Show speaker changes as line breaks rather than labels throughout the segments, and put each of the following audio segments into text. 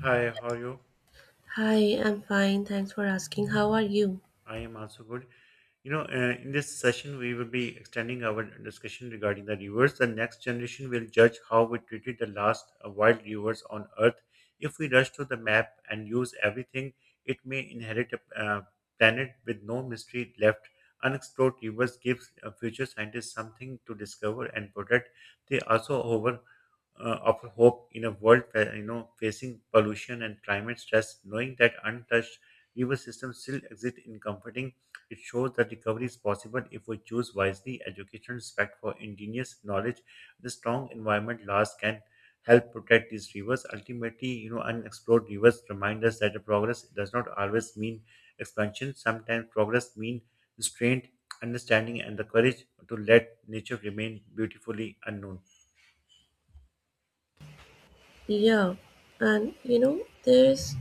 Hi, how are you?
Hi, I'm fine. Thanks for asking. How are you?
I am also good. In this session, we will be extending our discussion regarding the rivers. The next generation will judge how we treated the last wild rivers on Earth. If we rush to the map and use everything, it may inherit a planet with no mystery left. Unexplored rivers give future scientists something to discover and protect. They also over. Of hope in a world facing pollution and climate stress. Knowing that untouched river systems still exist in comforting, it shows that recovery is possible if we choose wisely. Education, respect for indigenous knowledge, the strong environment laws can help protect these rivers. Ultimately, unexplored rivers remind us that the progress does not always mean expansion. Sometimes progress means restraint, understanding, and the courage to let nature remain beautifully unknown.
Yeah, and you know, there's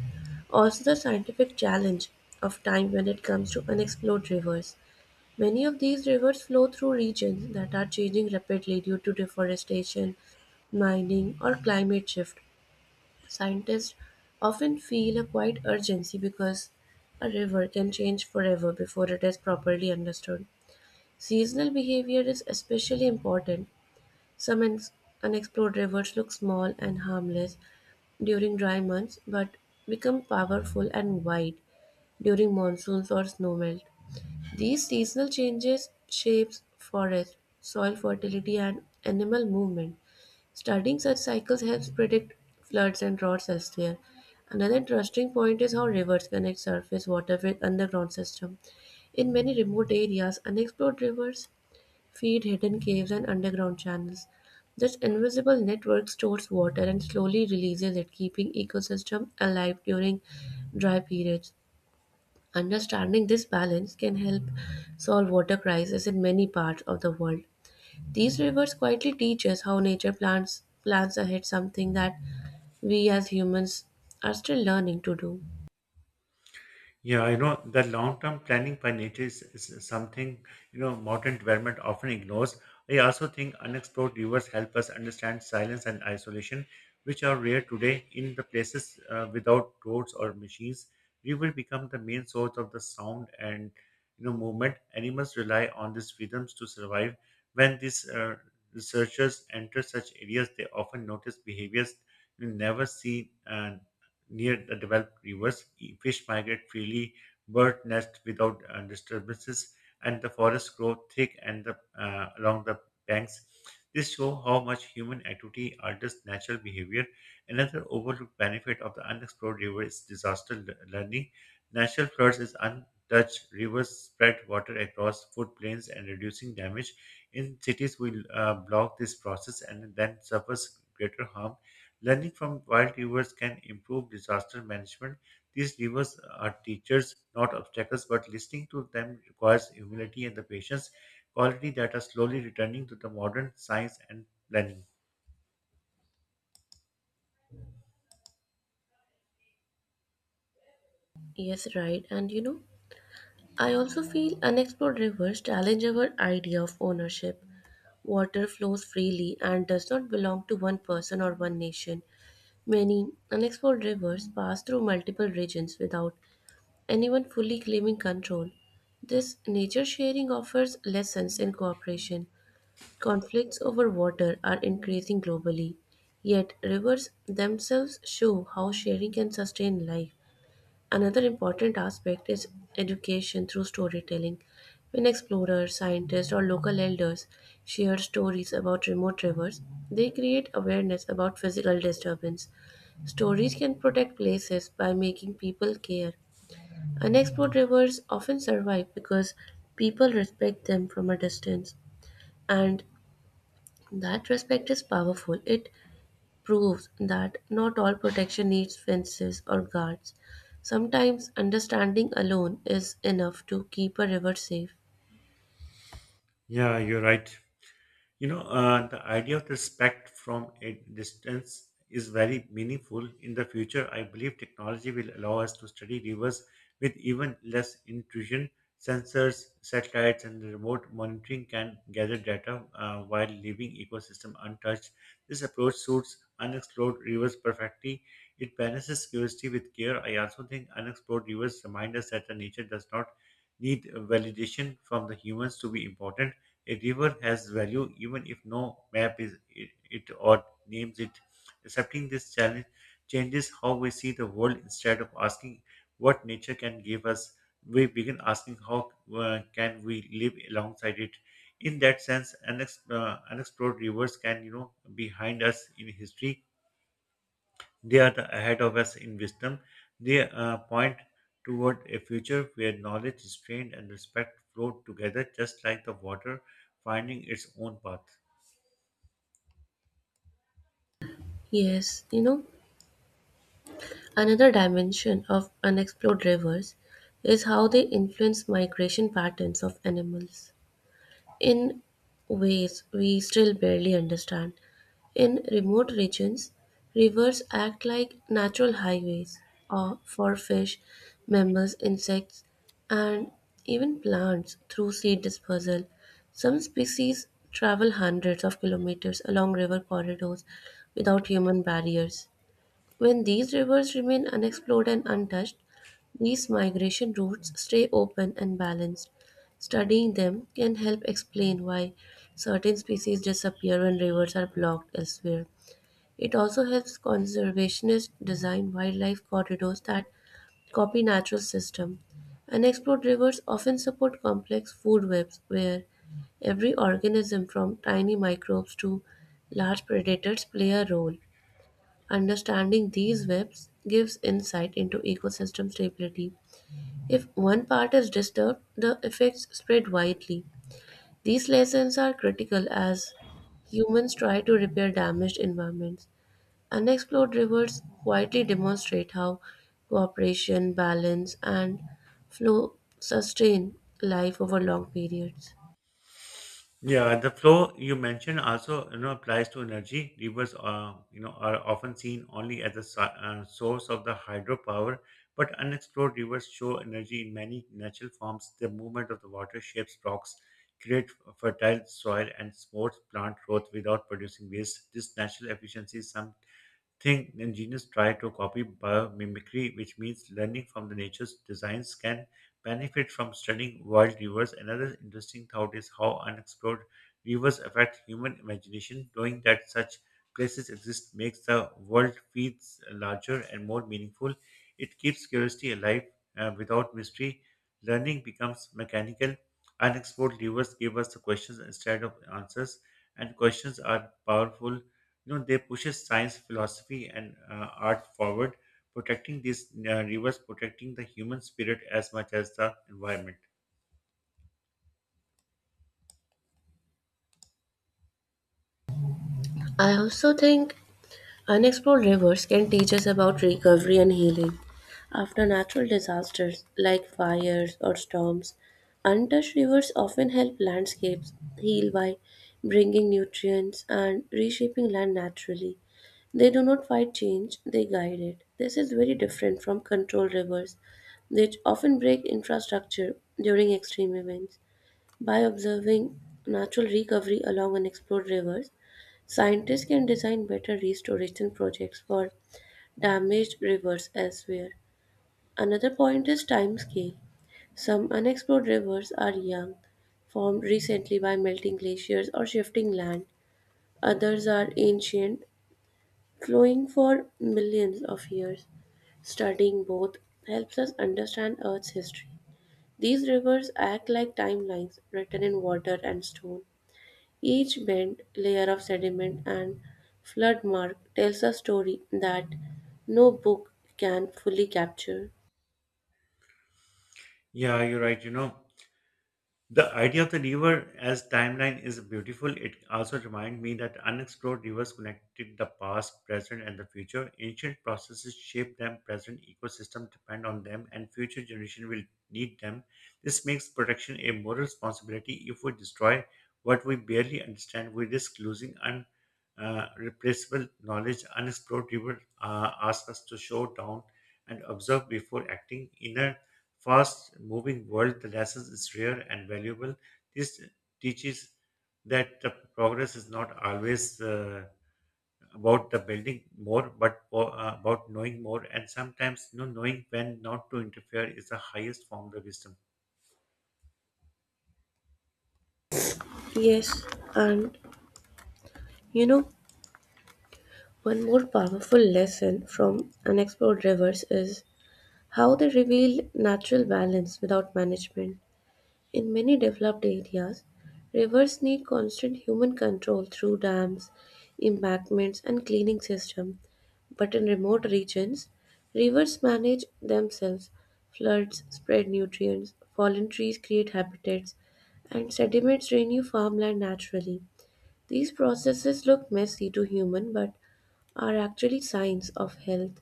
also the scientific challenge of time when it comes to unexplored rivers. Many of these rivers flow through regions that are changing rapidly due to deforestation, mining, or climate shift. Scientists often feel a quiet urgency because a river can change forever before it is properly understood. Seasonal behavior is especially important. Some ex- Unexplored rivers look small and harmless during dry months but become powerful and wide during monsoons or snowmelt. These seasonal changes shapes forest, soil fertility and animal movement. Studying such cycles helps predict floods and droughts elsewhere. Another interesting point is how rivers connect surface water with underground system. In many remote areas, unexplored rivers feed hidden caves and underground channels. This invisible network stores water and slowly releases it, keeping ecosystem alive during dry periods. Understanding this balance can help solve water crisis in many parts of the world. These rivers quietly teach us how nature plans ahead, something that we as humans are still learning to do.
Yeah, the long-term planning by nature is something, modern development often ignores. I also think unexplored rivers help us understand silence and isolation, which are rare today in the places without roads or machines. River become the main source of the sound and, movement. Animals rely on these rhythms to survive. When these researchers enter such areas, they often notice behaviors you never see near the developed rivers. Fish migrate freely, birds nest without disturbances, and the forests grow thick and along the banks. This shows how much human activity alters natural behavior. Another overlooked benefit of the unexplored river is disaster learning. Natural floods is untouched rivers spread water across footplains and reducing damage. In cities, we block this process and then suffers greater harm. Learning from wild rivers can improve disaster management. These rivers are teachers, not obstacles, but listening to them requires humility and the patience, quality that are slowly returning to the modern science and planning.
Yes, right. And you know, I also feel unexplored rivers challenge our idea of ownership. Water flows freely and does not belong to one person or one nation. Many unexplored rivers pass through multiple regions without anyone fully claiming control. This nature sharing offers lessons in cooperation. Conflicts over water are increasing globally, yet, rivers themselves show how sharing can sustain life. Another important aspect is education through storytelling. When explorers, scientists, or local elders share stories about remote rivers, they create awareness about physical disturbance. Stories can protect places by making people care. Unexplored rivers often survive because people respect them from a distance, and that respect is powerful. It proves that not all protection needs fences or guards. Sometimes understanding alone is enough to keep a river safe.
Yeah, you're right. The idea of respect from a distance is very meaningful. In the future, I believe technology will allow us to study rivers with even less intrusion. Sensors, satellites, and remote monitoring can gather data while leaving ecosystem untouched. This approach suits unexplored rivers perfectly. It balances curiosity with care. I also think unexplored rivers remind us that the nature does not need validation from the humans to be important. A river has value even if no map is it or names it. Accepting this challenge changes how we see the world instead of asking what nature can give us. We begin asking how can we live alongside it. In that sense, unexplored rivers can behind us in history, they are the ahead of us in wisdom. They point toward a future where knowledge is trained and respect flow together, just like the water finding its own path.
Yes, you know, another dimension of unexplored rivers is how they influence migration patterns of animals, in ways we still barely understand. In remote regions, rivers act like natural highways or for fish, mammals, insects, and even plants through seed dispersal. Some species travel hundreds of kilometers along river corridors without human barriers. When these rivers remain unexplored and untouched, these migration routes stay open and balanced. Studying them can help explain why certain species disappear when rivers are blocked elsewhere. It also helps conservationists design wildlife corridors that copy natural system. Unexplored rivers often support complex food webs where every organism from tiny microbes to large predators play a role. Understanding these webs gives insight into ecosystem stability. If one part is disturbed, the effects spread widely. These lessons are critical as humans try to repair damaged environments. Unexplored rivers quietly demonstrate how cooperation, balance, and flow sustain life over long periods.
Yeah, the flow you mentioned also applies to energy. Rivers are are often seen only as a source of the hydropower, but unexplored rivers show energy in many natural forms. The movement of the water shapes rocks, create fertile soil, and supports plant growth without producing waste. This natural efficiency think engineers try to copy biomimicry, which means learning from the nature's designs can benefit from studying wild rivers. Another interesting thought is how unexplored rivers affect human imagination. Knowing that such places exist makes the world feels larger and more meaningful. It keeps curiosity alive without mystery. Learning becomes mechanical. Unexplored rivers give us the questions instead of answers, and questions are powerful. They pushes science philosophy and art forward protecting these rivers protecting the human spirit as much as the environment.
I also think unexplored rivers can teach us about recovery and healing. After natural disasters like fires or storms, untouched rivers often help landscapes heal by bringing nutrients and reshaping land naturally. They do not fight change, they guide it. This is very different from controlled rivers, which often break infrastructure during extreme events. By observing natural recovery along unexplored rivers, scientists can design better restoration projects for damaged rivers elsewhere. Another point is time scale. Some unexplored rivers are young, formed recently by melting glaciers or shifting land. Others are ancient, flowing for millions of years. Studying both helps us understand Earth's history. These rivers act like timelines written in water and stone. Each bent layer of sediment and flood mark tells a story that no book can fully capture.
Yeah, you're right. The idea of the river as timeline is beautiful. It also reminds me that unexplored rivers connected the past, present, and the future. Ancient processes shape them, present ecosystems depend on them, and future generations will need them. This makes protection a moral responsibility. If we destroy what we barely understand, we risk losing replaceable knowledge. Unexplored rivers ask us to show down and observe before acting. Inner fast moving world, the lessons is rare and valuable. This teaches that the progress is not always about the building more, but about knowing more. And sometimes, knowing when not to interfere is the highest form of wisdom.
Yes, and you know, one more powerful lesson from unexplored rivers is how they reveal natural balance without management. In many developed areas, rivers need constant human control through dams, embankments, and cleaning systems. But in remote regions, rivers manage themselves. Floods spread nutrients, fallen trees create habitats, and sediments renew farmland naturally. These processes look messy to human but are actually signs of health.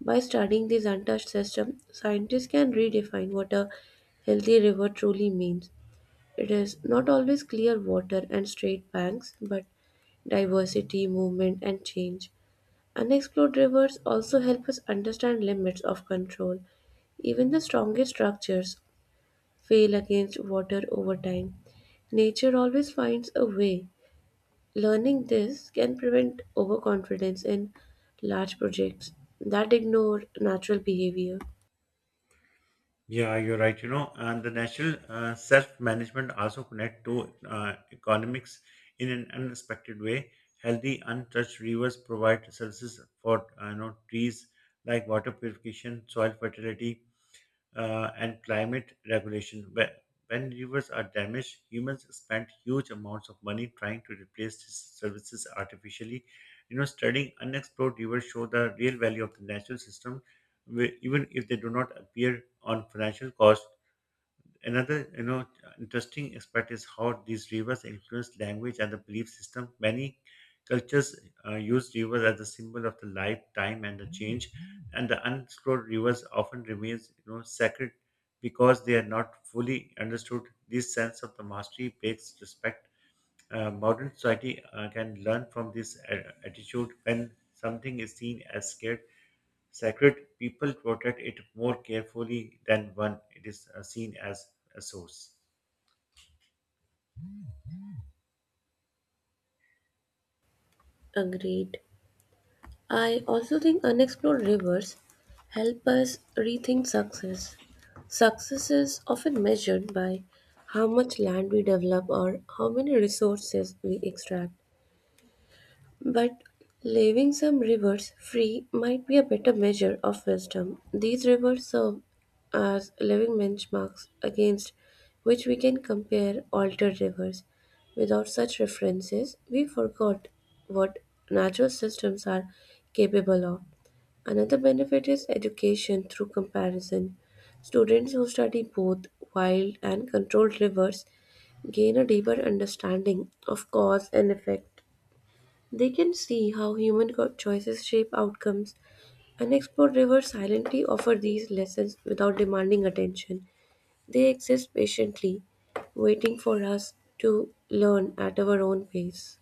By studying this untouched system, scientists can redefine what a healthy river truly means. It is not always clear water and straight banks, but diversity, movement, and change. Unexplored rivers also help us understand limits of control. Even the strongest structures fail against water over time. Nature always finds a way. Learning this can prevent overconfidence in large projects that ignore natural behavior.
Yeah, you're right. And the national self-management also connect to economics in an unexpected way. Healthy, untouched rivers provide services for trees like water purification, soil fertility, and climate regulation. When rivers are damaged, humans spend huge amounts of money trying to replace these services artificially. Studying unexplored rivers show the real value of the natural system, even if they do not appear on financial cost. Another, interesting aspect is how these rivers influence language and the belief system. Many cultures use rivers as a symbol of the life, time, and the change. And the unexplored rivers often remains, sacred because they are not fully understood. This sense of the mastery breaks respect. Modern society can learn from this attitude when something is seen as scared sacred, people protect it more carefully than one. It is seen as a source.
Agreed. I also think unexplored rivers help us rethink success. Success is often measured by how much land we develop or how many resources we extract. But leaving some rivers free might be a better measure of wisdom. These rivers serve as living benchmarks against which we can compare altered rivers. Without such references, we forgot what natural systems are capable of. Another benefit is education through comparison. Students who study both wild and controlled rivers gain a deeper understanding of cause and effect. They can see how choices shape outcomes, and explored rivers silently offer these lessons without demanding attention. They exist patiently, waiting for us to learn at our own pace.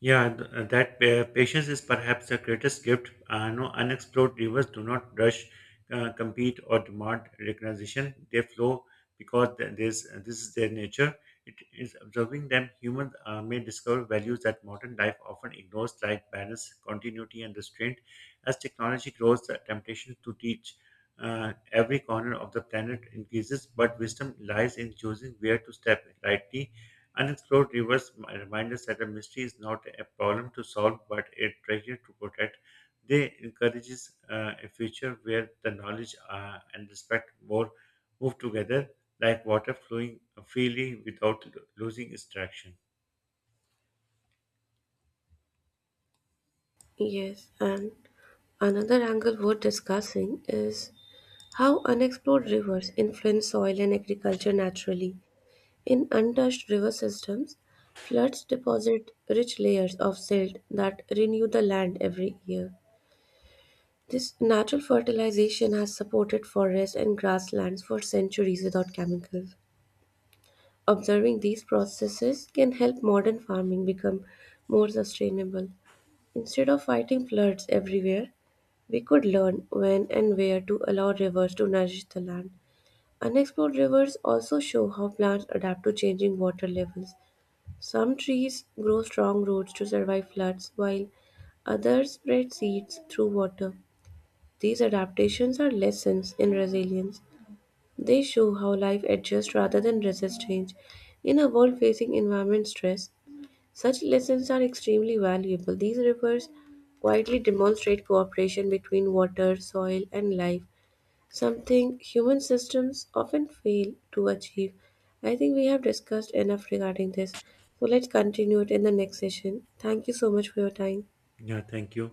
Yeah, that patience is perhaps the greatest gift. No unexplored rivers do not rush, compete, or demand recognition. They flow because this is their nature. It is observing them. Humans may discover values that modern life often ignores, like balance, continuity, and restraint. As technology grows, the temptation to teach every corner of the planet increases, but wisdom lies in choosing where to step lightly. Unexplored rivers remind us that a mystery is not a problem to solve, but a treasure to protect. They encourages a future where the knowledge and respect more move together, like water flowing freely without losing its traction.
Yes, and another angle worth discussing is how unexplored rivers influence soil and agriculture naturally. In untouched river systems, floods deposit rich layers of silt that renew the land every year. This natural fertilization has supported forests and grasslands for centuries without chemicals. Observing these processes can help modern farming become more sustainable. Instead of fighting floods everywhere, we could learn when and where to allow rivers to nourish the land. Unexplored rivers also show how plants adapt to changing water levels. Some trees grow strong roots to survive floods, while others spread seeds through water. These adaptations are lessons in resilience. They show how life adjusts rather than resists change. In a world facing environment stress, such lessons are extremely valuable. These rivers quietly demonstrate cooperation between water, soil, and life, something human systems often fail to achieve. I think we have discussed enough regarding this. So let's continue it in the next session. Thank you so much for your time.
Yeah, thank you.